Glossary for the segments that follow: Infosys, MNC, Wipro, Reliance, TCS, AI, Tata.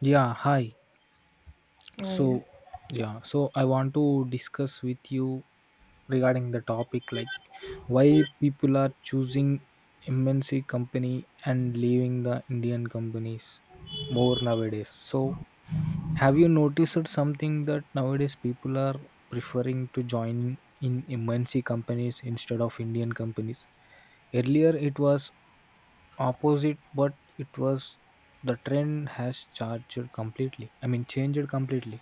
Yeah, hi. And So, yeah, so I want to discuss with you regarding the topic like why people are choosing MNC company and leaving the Indian companies more nowadays. So, have you noticed something that nowadays people are preferring to join in MNC companies instead of Indian companies? Earlier it was opposite, but it was the trend has charged completely. I mean, changed completely.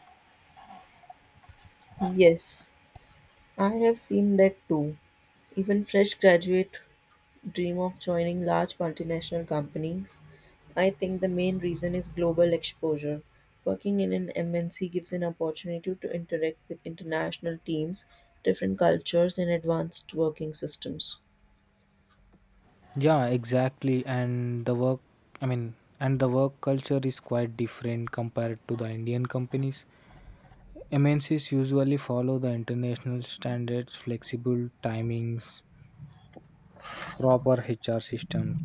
yes, I have seen that too. Even fresh graduate dream of joining large multinational companies. I think the main reason is global exposure. Working in an MNC gives an opportunity to interact with international teams, different cultures, and advanced working systems. Yeah, exactly. And the work culture is quite different compared to the Indian companies. MNCs usually follow the international standards, flexible timings, proper HR systems.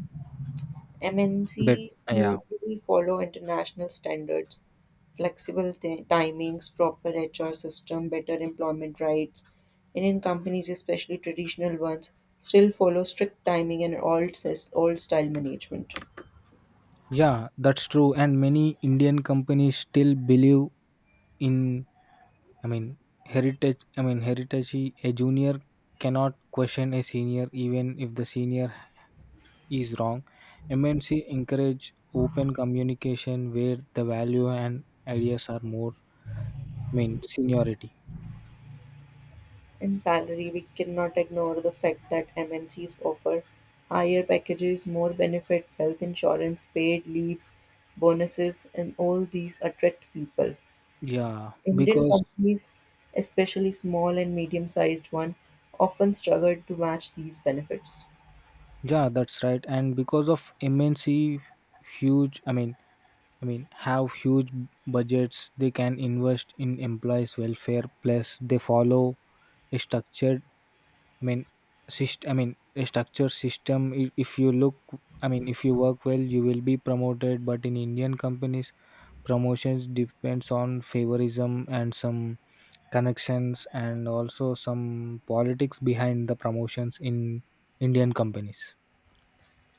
But MNCs yeah, usually follow international standards, flexible timings, proper HR system, better employment rights. Indian companies, especially traditional ones, still follow strict timing and old style management. yeah, that's true. And many Indian companies still believe in, I mean, heritage. I mean, heritage. A junior cannot question a senior, even if the senior is wrong. MNC encourage open communication where the value and ideas are more, I mean, seniority. In salary, we cannot ignore the fact that MNCs offer higher packages, more benefits, health insurance, paid leaves, bonuses, and all these attract people. Yeah, Indian because companies, especially small and medium sized ones, often struggle to match these benefits. yeah, that's right. And because of MNC, huge. I mean, have huge budgets they can invest in employees' welfare. Plus, they follow a structured. I mean, a structured system. If you look, if you work well, you will be promoted. But in Indian companies, promotions depends on favorism and some connections and also some politics behind the promotions in Indian companies.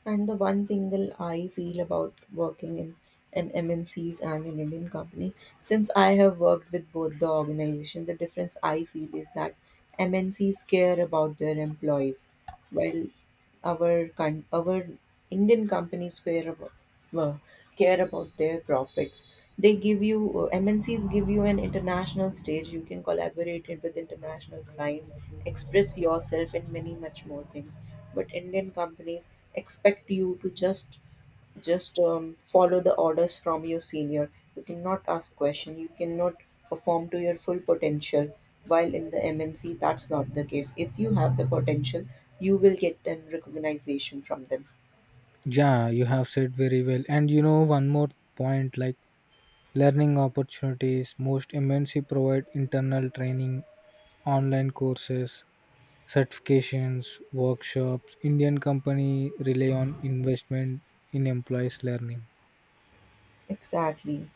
And the one thing that I feel about working in an MNCs and an Indian company, since I have worked with both the organization, the difference I feel is that MNCs care about their employees, while our Indian companies care uh, about their profits. They give you MNCs give you an international stage, you can collaborate it with international clients, express yourself and many much more things. But Indian companies expect you to just follow the orders from your senior. You cannot ask question, you cannot perform to your full potential, while in the MNC that's not the case. If you have the potential, you will get an recognition from them. Yeah, you have said very well. And you know, one more point like learning opportunities, most MNC provide internal training, online courses, certifications, workshops. Indian company rely on investment in employees learning. Exactly.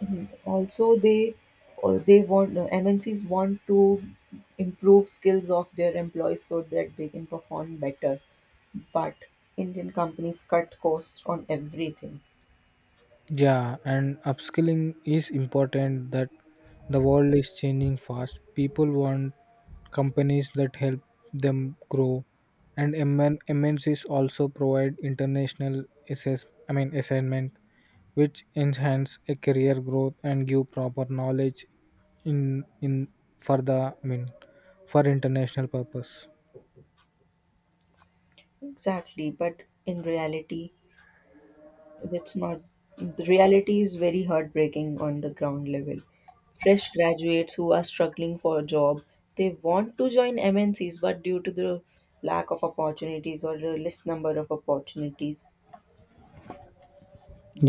Mhm. Also, they or they want MNCs want to improve skills of their employees so that they can perform better. But Indian companies cut costs on everything. Yeah, and upskilling is important. That the world is changing fast. People want companies that help them grow. And MNCs also provide international assess I mean assignment which enhance a career growth and give proper knowledge in in for the I mean for international purpose. Exactly, but in reality, that's not. The reality is very heartbreaking on the ground level. Fresh graduates who are struggling for a job, they want to join MNCs, but due to the lack of opportunities or the less number of opportunities,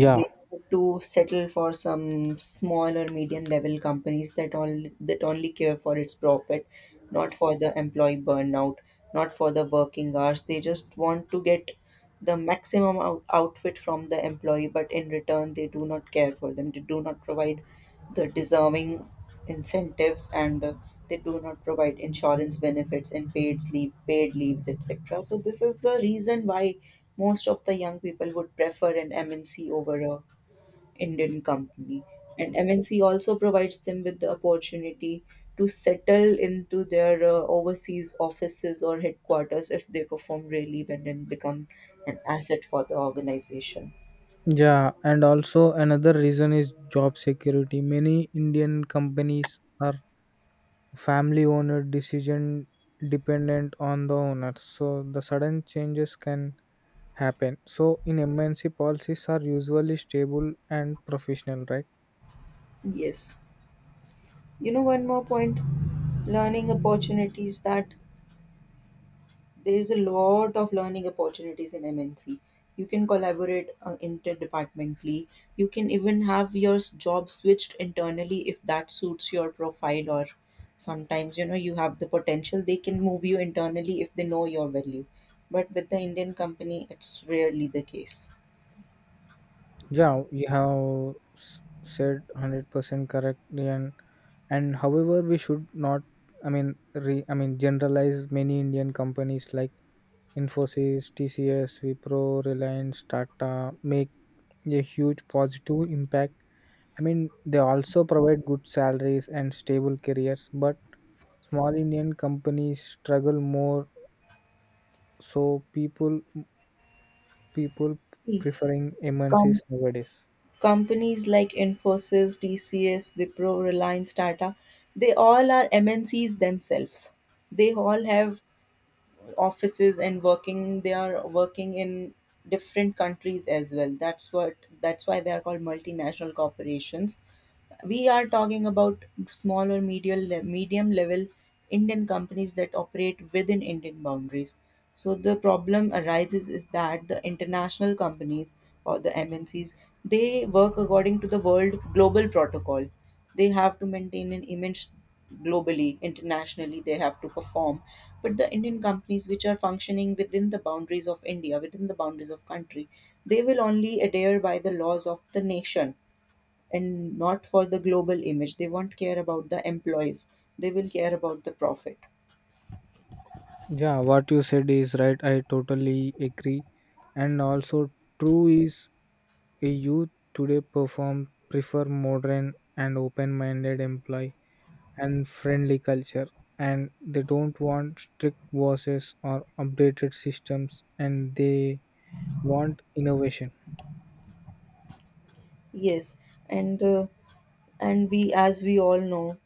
they have to settle for some small or medium level companies that only care for its profit, not for the employee burnout, not for the working hours. They just want to get the maximum outfit from the employee, but in return they do not care for them. They do not provide the deserving incentives, and they do not provide insurance benefits and paid sleep, paid leaves, etc. So this is the reason why most of the young people would prefer an MNC over a indian company. And MNC also provides them with the opportunity to settle into their overseas offices or headquarters if they perform really well and become an asset for the organization. yeah, and also another reason is job security. Many Indian companies are family owned, decision dependent on the owner. So the sudden changes can happen. So in MNC policies are usually stable and professional, right? Yes. You know, one more point, learning opportunities, that there's a lot of learning opportunities in MNC. You can collaborate interdepartmentally. You can even have your job switched internally if that suits your profile, or sometimes, you know, you have the potential. They can move you internally if they know your value. But with the Indian company, it's rarely the case. Yeah, you have said 100% correctly. And however, we should not I mean re, I mean generalize. Many Indian companies like Infosys, TCS, Wipro, Reliance, Tata make a huge positive impact. I mean, they also provide good salaries and stable careers, but small Indian companies struggle more, so people See, preferring come MNCs nowadays. Companies like Infosys, TCS, Wipro, Reliance, Tata, they all are MNCs themselves. They all have offices and working. They are working in different countries as well. That's what. That's why they are called multinational corporations. We are talking about small or medium level Indian companies that operate within Indian boundaries. So the problem arises is that the international companies or the MNCs, they work according to the world global protocol. They have to maintain an image globally, internationally. They have to perform. But the Indian companies which are functioning within the boundaries of India, within the boundaries of country, they will only adhere by the laws of the nation and not for the global image. They won't care about the employees. They will care about the profit. Yeah, what you said is right. I totally agree. And also true is a youth today perform prefer modern and open-minded employee and friendly culture. And they don't want strict bosses or updated systems and they want innovation. Yes, and uh, and we, as we all know,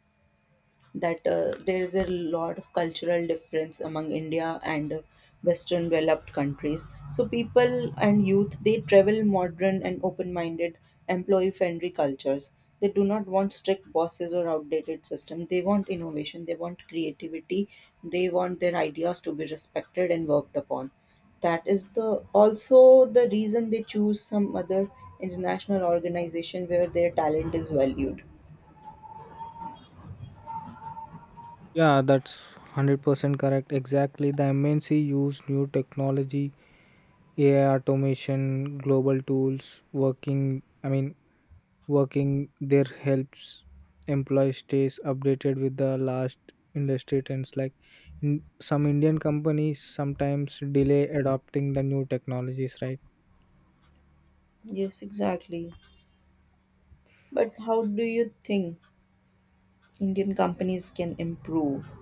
that there is a lot of cultural difference among India and Western developed countries. So people and youth, they travel modern and open-minded, employee-friendly cultures. They do not want strict bosses or outdated system. They want innovation. They want creativity. They want their ideas to be respected and worked upon. That is the also the reason they choose some other international organization where their talent is valued. Yeah, that's 100% correct. Exactly. The MNC use new technology, AI automation, global tools, working there helps employees stays updated with the last industry trends. Like in some Indian companies sometimes delay adopting the new technologies, right? Yes, exactly. But how do you think Indian companies can improve?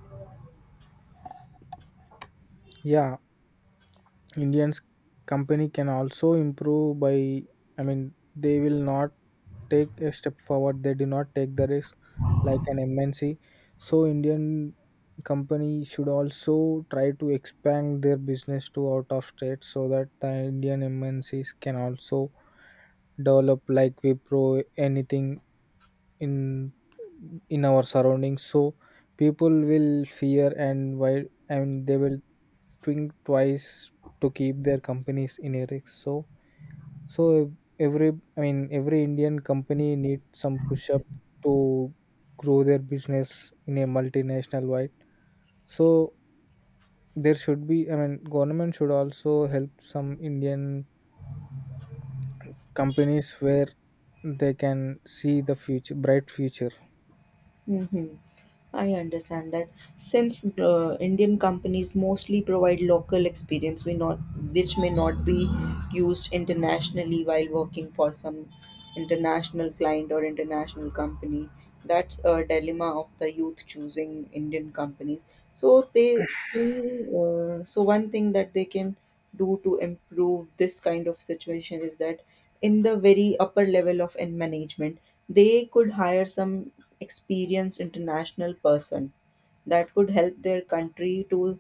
Yeah, Indians company can also improve by, I mean, they will not take a step forward. They do not take the risk like an MNC. So Indian company should also try to expand their business to out of state so that the Indian MNCs can also develop like we pro anything in in our surroundings. So people will fear and why and they will think twice to keep their companies in a so so every I mean every indian company needs some push up to grow their business in a multinational wide. So there should be, I mean, government should also help some indian companies where they can see the future bright future. Hmm. I understand that since Indian companies mostly provide local experience, we not which may not be used internationally while working for some international client or international company. That's a dilemma of the youth choosing Indian companies. So they, so one thing that they can do to improve this kind of situation is that in the very upper level of in management they could hire some experienced international person that could help their country to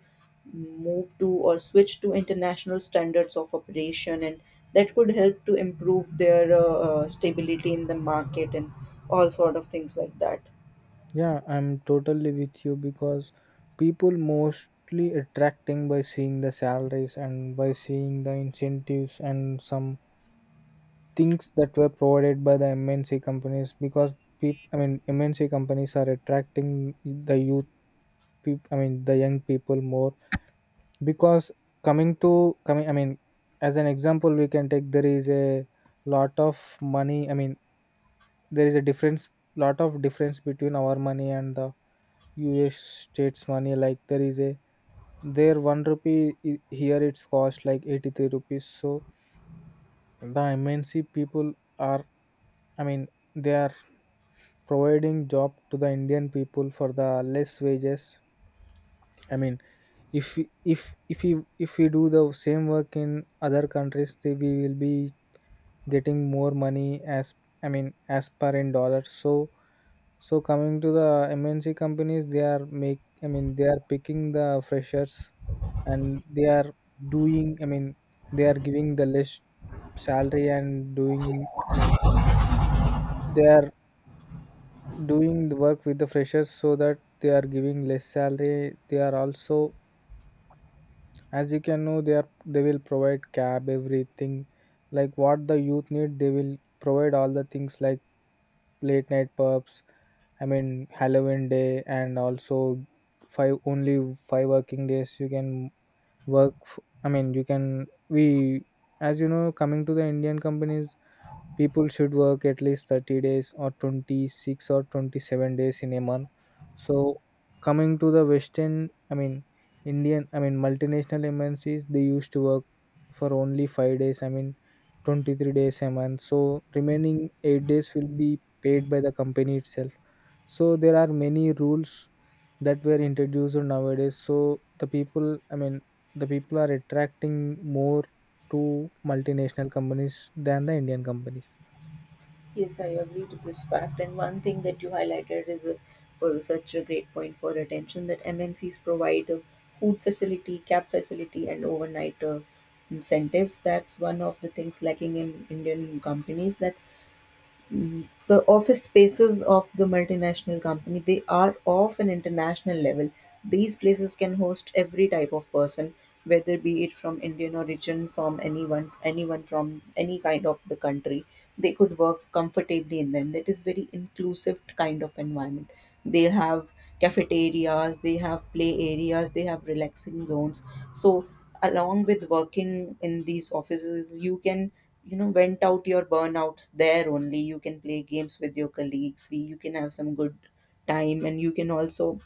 move to or switch to international standards of operation, and that could help to improve their stability in the market and all sort of things like that. Yeah, I'm totally with you because people mostly attracting by seeing the salaries and by seeing the incentives and some things that were provided by the MNC companies. Because people, I mean, MNC companies are attracting the youth, peop I mean, the young people more. Because coming to coming I mean as an example we can take, there is a lot of money I mean there is a difference lot of difference between our money and the US states money. Like there is a there one rupee, here it's cost like 83 rupees. So the MNC people are, I mean, they are providing job to the indian people for the less wages. I mean, if we- if if we if we do the same work in other countries we will be getting more money, as, I mean, as per in dollars. So so coming to the MNC companies, they are make I mean they are picking the freshers, and they are doing I mean they are giving the less salary. And doing I mean they are doing the work with the freshers, so that they are giving less salary. They are also, as you can know, they will provide cab, everything like what the youth need. They will provide all the things like late night pubs, I mean, halloween day, and also five working days you can work f- I mean you can we As you know, coming to the indian companies, people should work at least 30 days or 26 or 27 days in a month. So coming to the western I mean indian I mean multinational mncs, they used to work for only 5 days, I mean, 23 days a month. So remaining 8 days will be paid by the company itself. So there are many rules that were introduced nowadays. So the people i mean the people are attracting more to multinational companies than the indian companies. Yes, I agree to this fact. And one thing that you highlighted was such a great point for attention, that MNCs provide a food facility, cab facility, and overnight incentives. That's one of the things lacking in Indian companies, that the office spaces of the multinational company, they are of an international level. These places can host every type of person, whether be it from Indian origin, from anyone, anyone from any kind of the country, they could work comfortably in them. That is very inclusive kind of environment they have. Cafeterias, they have play areas, they have relaxing zones. So along with working in these offices you can, you know, vent out your burnouts there only. You can play games with your colleagues, we you can have some good time, and you can also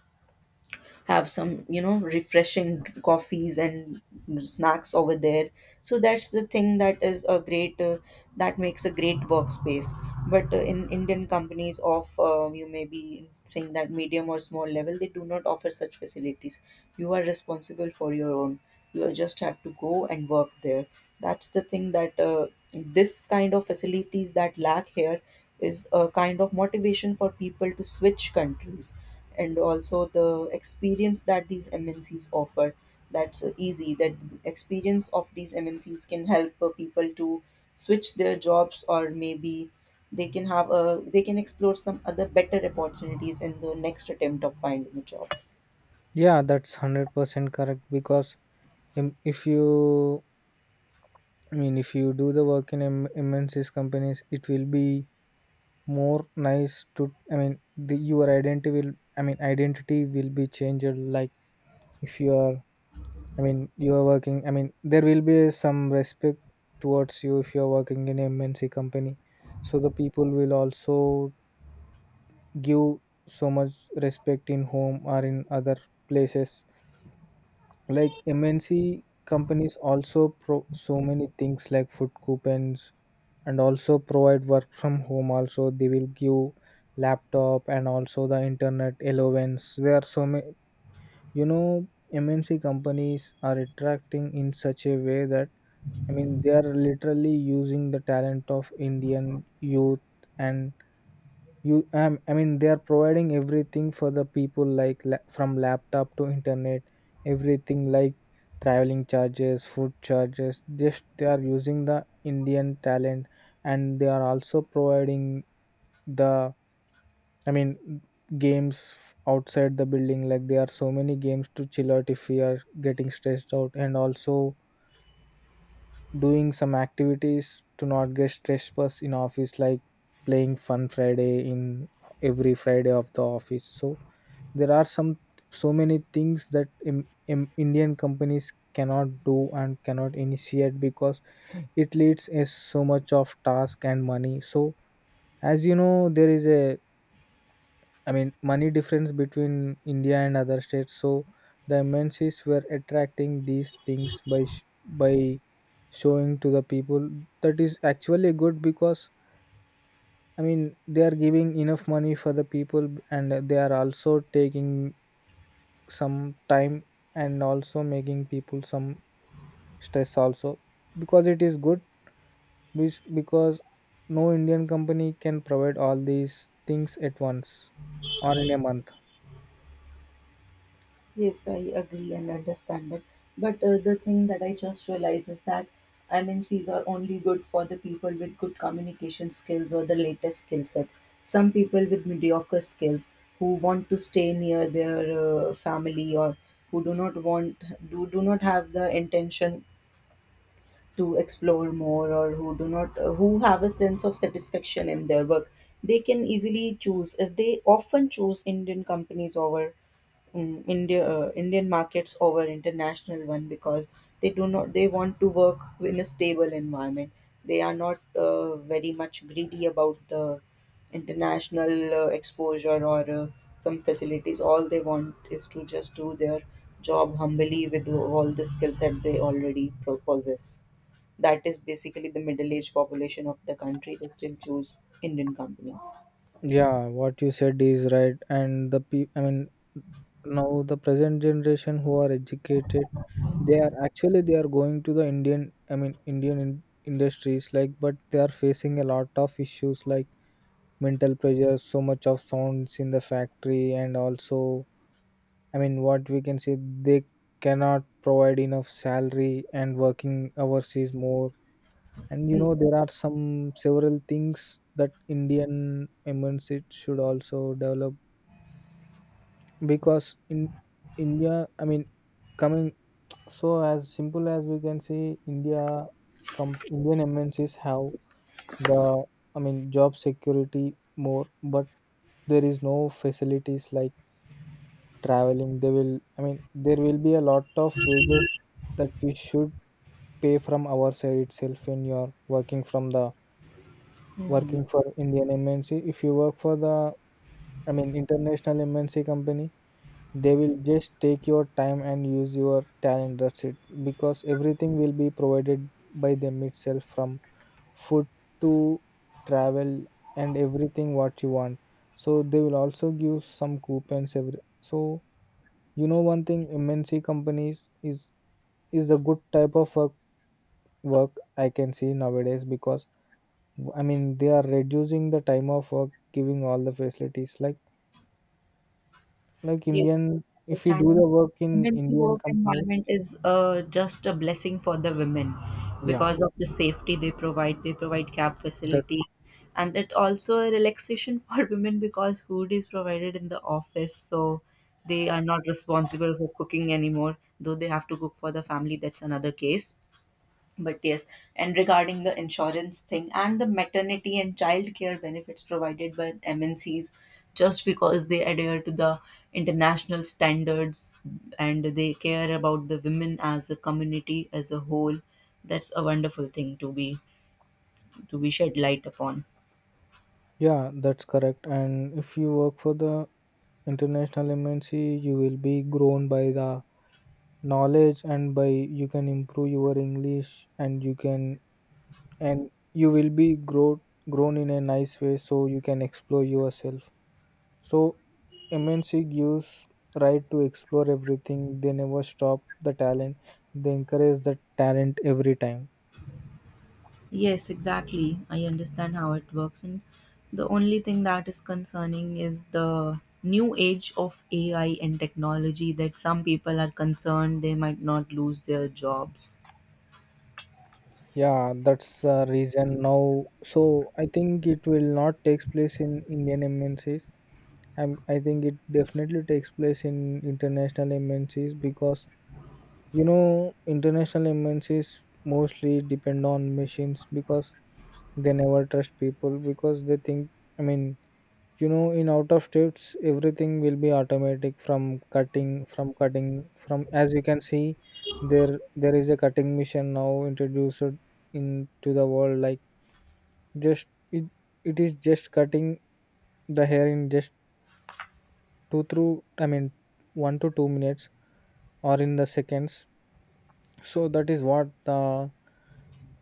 have some, you know, refreshing coffees and snacks over there. So that's the thing that is a great that makes a great workspace. But in Indian companies of you may be saying that medium or small level, they do not offer such facilities. You are responsible for your own. You just have to go and work there. That's the thing, that this kind of facilities that lack here is a kind of motivation for people to switch countries. And also the experience that these MNCs offer. That's easy. That the experience of these MNCs can help people to switch their jobs, or maybe they can explore some other better opportunities in the next attempt of finding a job. Yeah, that's 100% correct because if you, I mean, if you do the work in MNC's companies, it will be more nice to, I mean, your identity will, I mean, identity will be changed. Like if you are, I mean, you are working, I mean, there will be some respect towards you if you are working in MNC company. So the people will also give so much respect in home or in other places. Like MNC companies also pro so many things like food coupons, and also provide work from home. Also they will give laptop and also the internet allowance. There are so many, you know, MNC companies are attracting in such a way that, I mean, they are literally using the talent of indian youth. And you I mean, they are providing everything for the people, like from laptop to internet, everything like traveling charges, food charges. Just they are using the indian talent, and they are also providing the, I mean, games outside the building. Like there are so many games to chill out if we are getting stressed out. And also doing some activities to not get stressed bus in office, like playing fun friday in every friday of the office. So there are some so many things that indian companies cannot do and cannot initiate because it leads is so much of task and money. So as you know, there is a, I mean, money difference between India and other states. So the MNCs were attracting these things by showing to the people. That is actually good because, I mean, they are giving enough money for the people, and they are also taking some time, and also making people some stress also, because it is good which because no Indian company can provide all these things at once or in a month. Yes, I agree and understand that. But the thing that I just realized is that MNCs are only good for the people with good communication skills or the latest skill set. Some people with mediocre skills who want to stay near their family, or who do not have the intention to explore more, or who do not who have a sense of satisfaction in their work, they often choose Indian companies over Indian markets over international one, because they do not they want to work in a stable environment. They are not very much greedy about the international exposure or some facilities. All they want is to just do their job humbly with all the skill set they already possess. That is basically the middle aged population of the country. They still choose Indian companies. Yeah, what you said is right. And the pe- I mean now the present generation who are educated, they are actually they are going to the indian, I mean, indian industries, like. But they are facing a lot of issues like mental pressure, so much of sounds in the factory, and also, I mean, what we can say, they cannot provide enough salary and working hours is more. And you know, there are some several things that indian immigrants it should also develop. Because in india, I mean, coming so as simple as we can see india, indian mncs have the, I mean, job security more. But there is no facilities like traveling. They will, I mean, there will be a lot of wages that we should pay from our side itself when you are working from the Mm-hmm. working for indian mnc. If you work for the, I mean, international MNC company, they will just take your time and use your talent, that's it. Because everything will be provided by them itself, from food to travel, and everything what you want. So they will also give some coupons every so. You know, one thing MNC companies is a good type of work I can see nowadays. Because, I mean, they are reducing the time of work, giving all the facilities like Yes, indian if you do understand. And the work in MNC indian work companies. environment is just a blessing for the women Yeah. because of the safety they provide. They provide cab That facility, and it also a relaxation for women because food is provided in the office, so they are not responsible for cooking anymore. Though they have to cook for the family, that's another case. But yes, and regarding the insurance thing and the maternity and child care benefits provided by MNCs, just because they adhere to the international standards and they care about the women as a community as a whole, that's a wonderful thing to be shed light upon. Yeah, that's correct. And if you work for the international MNC, you will be grown by the knowledge, and by you can improve your English, and you can and you will be grown in a nice way, so you can explore yourself. So MNC gives right to explore everything. They never stop the talent. They encourage the talent every time. Yes, exactly. I understand how it works. And the only thing that is concerning is the new age of AI and technology, that some people are concerned they might not lose their jobs. Yeah, that's the reason now. So I think it will not takes place in Indian MNCs. I think it definitely takes place in international MNCs because you know international MNCs mostly depend on machines because they never trust people because they think. I mean you know, in out of states everything will be automatic from cutting from, as you can see, there is a cutting machine now introduced into the world like, just it, it is just cutting the hair in just two through I mean 1 to 2 minutes, or in the seconds. So that is what the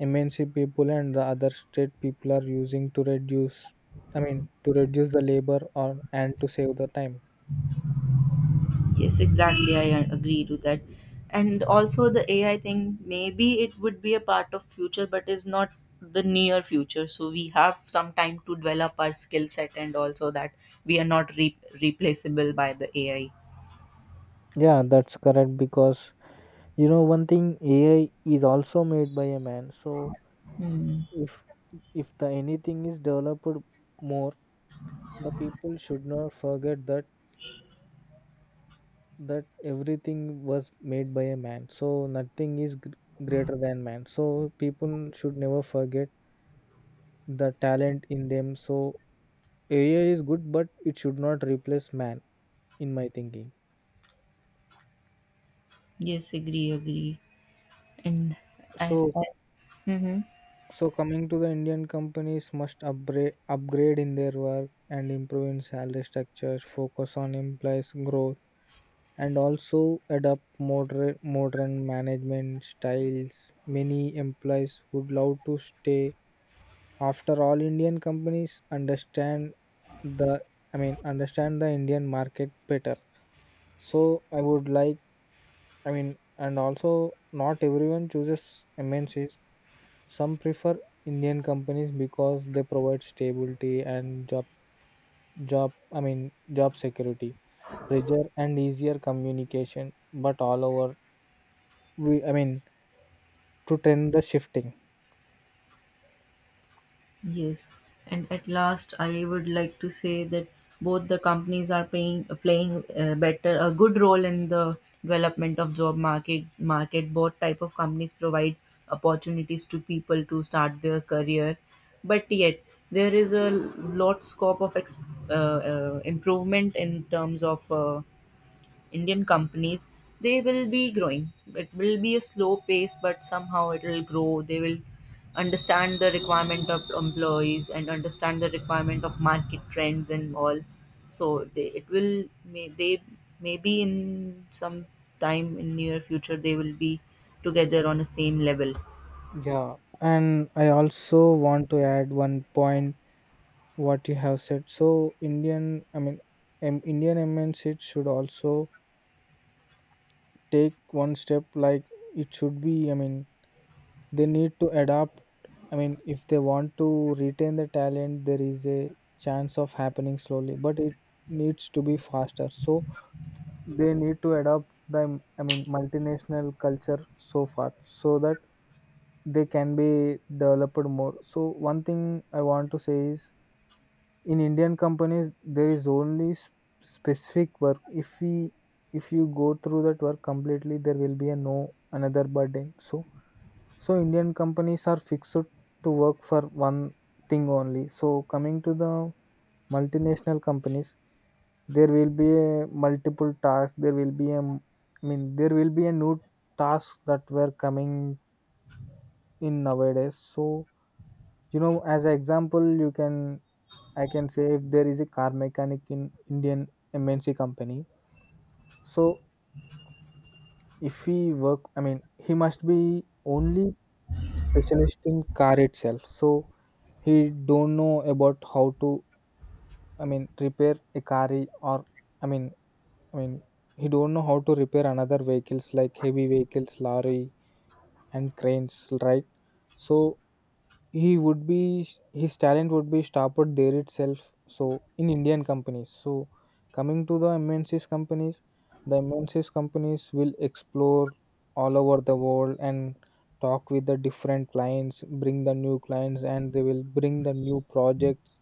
MNC people and the other state people are using to reduce, to reduce the labor, or and to save the time. Yes, exactly. I agree to that. And also the AI thing, maybe it would be a part of future, but is not the near future. So we have some time to develop our skill set and also that we are not replaceable by the AI. Yeah, that's correct because you know one thing AI is also made by a man. So if if the anything is developed more, the people should not forget that everything was made by a man, so nothing is greater than man, so people should never forget the talent in them. So AI is good but it should not replace man, in my thinking. Yes, agree, agree. and I, So, I Mm-hmm. so coming to the Indian companies must upgrade in their work and improve in salary structures, focus on employees' growth, and also adopt modern management styles. Many employees would love to stay. After all, Indian companies understand the I mean understand the Indian market better. So, I would like I mean and also not everyone chooses MNCs. Some prefer Indian companies because they provide stability and job job I mean job security pressure and easier communication, but all over we I mean to tend the shifting. Yes, and at last, I would like to say that both the companies are playing playing better a good role in the development of job market. Both type of companies provide opportunities to people to start their career, but yet there is a lot scope of uh, improvement in terms of Indian companies, they will be growing. It will be a slow pace, but somehow it will grow. They will understand the requirement of employees and understand the requirement of market trends and all. So they it will may they maybe in some time in near future they will be together on the same level. Yeah, and I also want to add one point what you have said. So indian I mean Indian MNC should also take one step, like, it should be I mean they need to adapt, if they want to retain the talent. There is a chance of happening slowly, but it needs to be faster, so they need to adopt the, multinational culture so far, so that they can be developed more. So one thing I want to say is, in Indian companies there is only specific work. If we if you go through that work completely, there will be a no another burden. So Indian companies are fixed to work for one thing only. So coming to the multinational companies, there will be a multiple tasks. There will be a m- I mean there will be a new tasks that were coming in nowadays. So you know, as an example, you can I can say, if there is a car mechanic in Indian MNC company, so if he work, he must be only specialist in car itself. So he don't know about how to, repair a car, or, I mean, I mean, he don't know how to repair another vehicles like heavy vehicles, lorry and cranes, right? So, He would be his talent would be stopped there itself. So in Indian companies, so coming to the MNCs companies will explore all over the world and talk with the different clients, bring the new clients, and they will bring the new projects.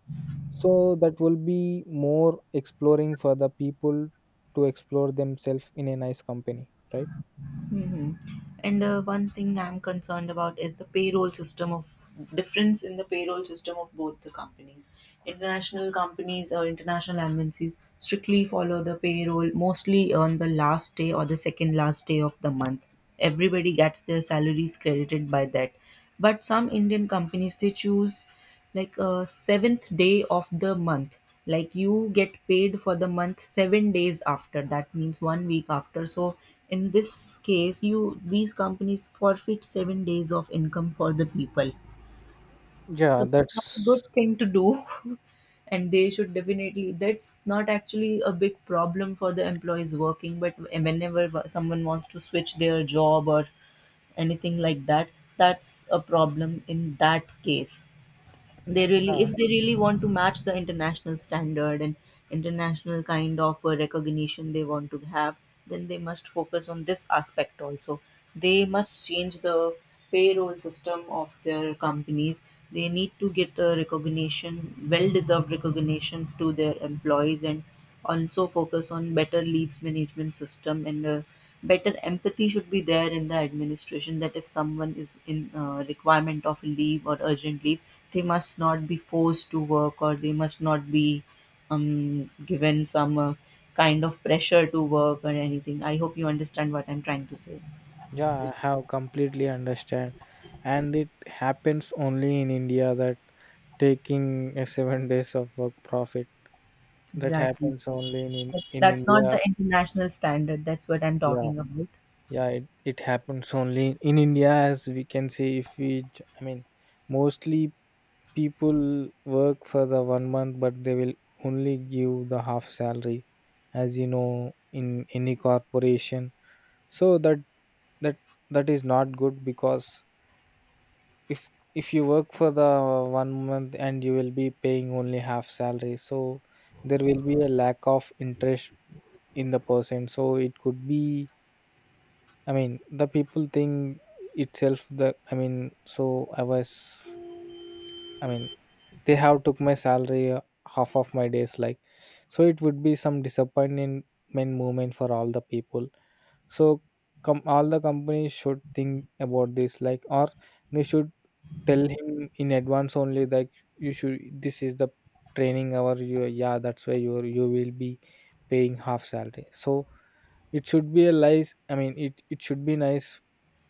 So that will be more exploring for the people to explore themselves in a nice company, right? Hmm. And one thing I'm concerned about is the payroll system of difference in the payroll system of both the companies. International companies or international embassies strictly follow the payroll mostly on the last day or the second last day of the month. Everybody gets their salaries credited by that. But some Indian companies they choose like a seventh day of the month, like you get paid for the month 7 days after, that means one week after. So in this case you these companies forfeit 7 days of income for the people, Yeah, so that's not a that's. good thing to do and they should definitely that's not actually a big problem for the employees working, but whenever someone wants to switch their job or anything like that, that's a problem. In that case, they really Yeah. if they really want to match the international standard and international kind of recognition they want to have, then they must focus on this aspect also. They must change the payroll system of their companies. They need to get a recognition, well deserved recognition to their employees, and also focus on better leaves management system and Better empathy should be there in the administration, that if someone is in requirement of leave or urgent leave, they must not be forced to work, or they must not be given some kind of pressure to work or anything. I hope you understand what I'm trying to say. Yeah, I have completely understand, and it happens only in India, that taking a 7 days of work profit, that Exactly. happens only That's in that's not India. the international standard. That's what I'm Yeah, talking about. yeah, it happens only in India, as we can see. If we, j- I mean, Mostly people work for the one month, but they will only give the half salary, as you know, in any corporation. So that that is not good because if you work for the one month and you will be paying only half salary, so there will be a lack of interest in the person. So it could be, the people think, itself the I mean so I was I mean, they have took my salary, half of my days, like, so it would be some disappointment moment for all the people. So, come all the companies should think about this, like, or they should tell him in advance only that you should this is the training hour. You yeah that's why you will be paying half salary. So it should be a nice I mean it, it should be nice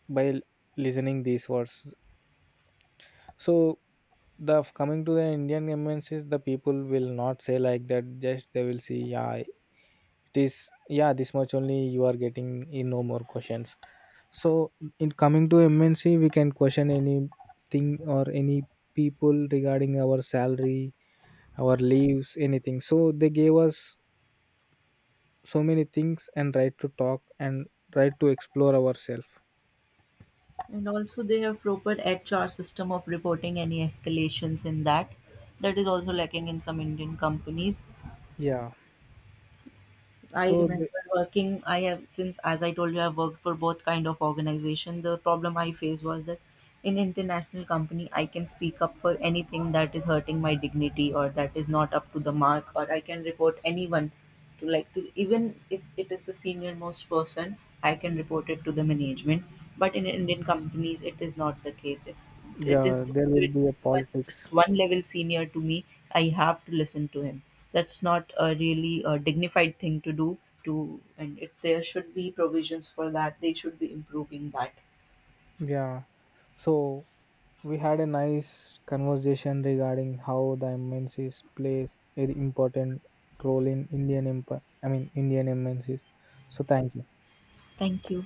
by listening these words. So the coming to the Indian MNCs, the people will not say like that. Just they will see, yeah, it is, yeah, this much only you are getting, in no more questions. So in coming to MNC, we can question anything or any people regarding our salary, our leaves, anything. So they gave us so many things, and right to talk and right to explore ourselves. And also they have proper HR system of reporting any escalations in that. That is also lacking in some Indian companies. Yeah. I So, remember working. I have Since, as I told you, I've worked for both kind of organization. The problem I faced was that in international company, I can speak up for anything that is hurting my dignity or that is not up to the mark, or I can report anyone to like to even if it is the senior most person, I can report it to the management. But in Indian companies, it is not the case. If it is yeah, there will be a but he's politics. just one level senior to me, I have to listen to him. That's not a really a dignified thing to do. There should be provisions for that. They should be improving that. Yeah. So we had a nice conversation regarding how the MNCs plays an important role in Indian empire. Indian MNCs. So thank you. Thank you.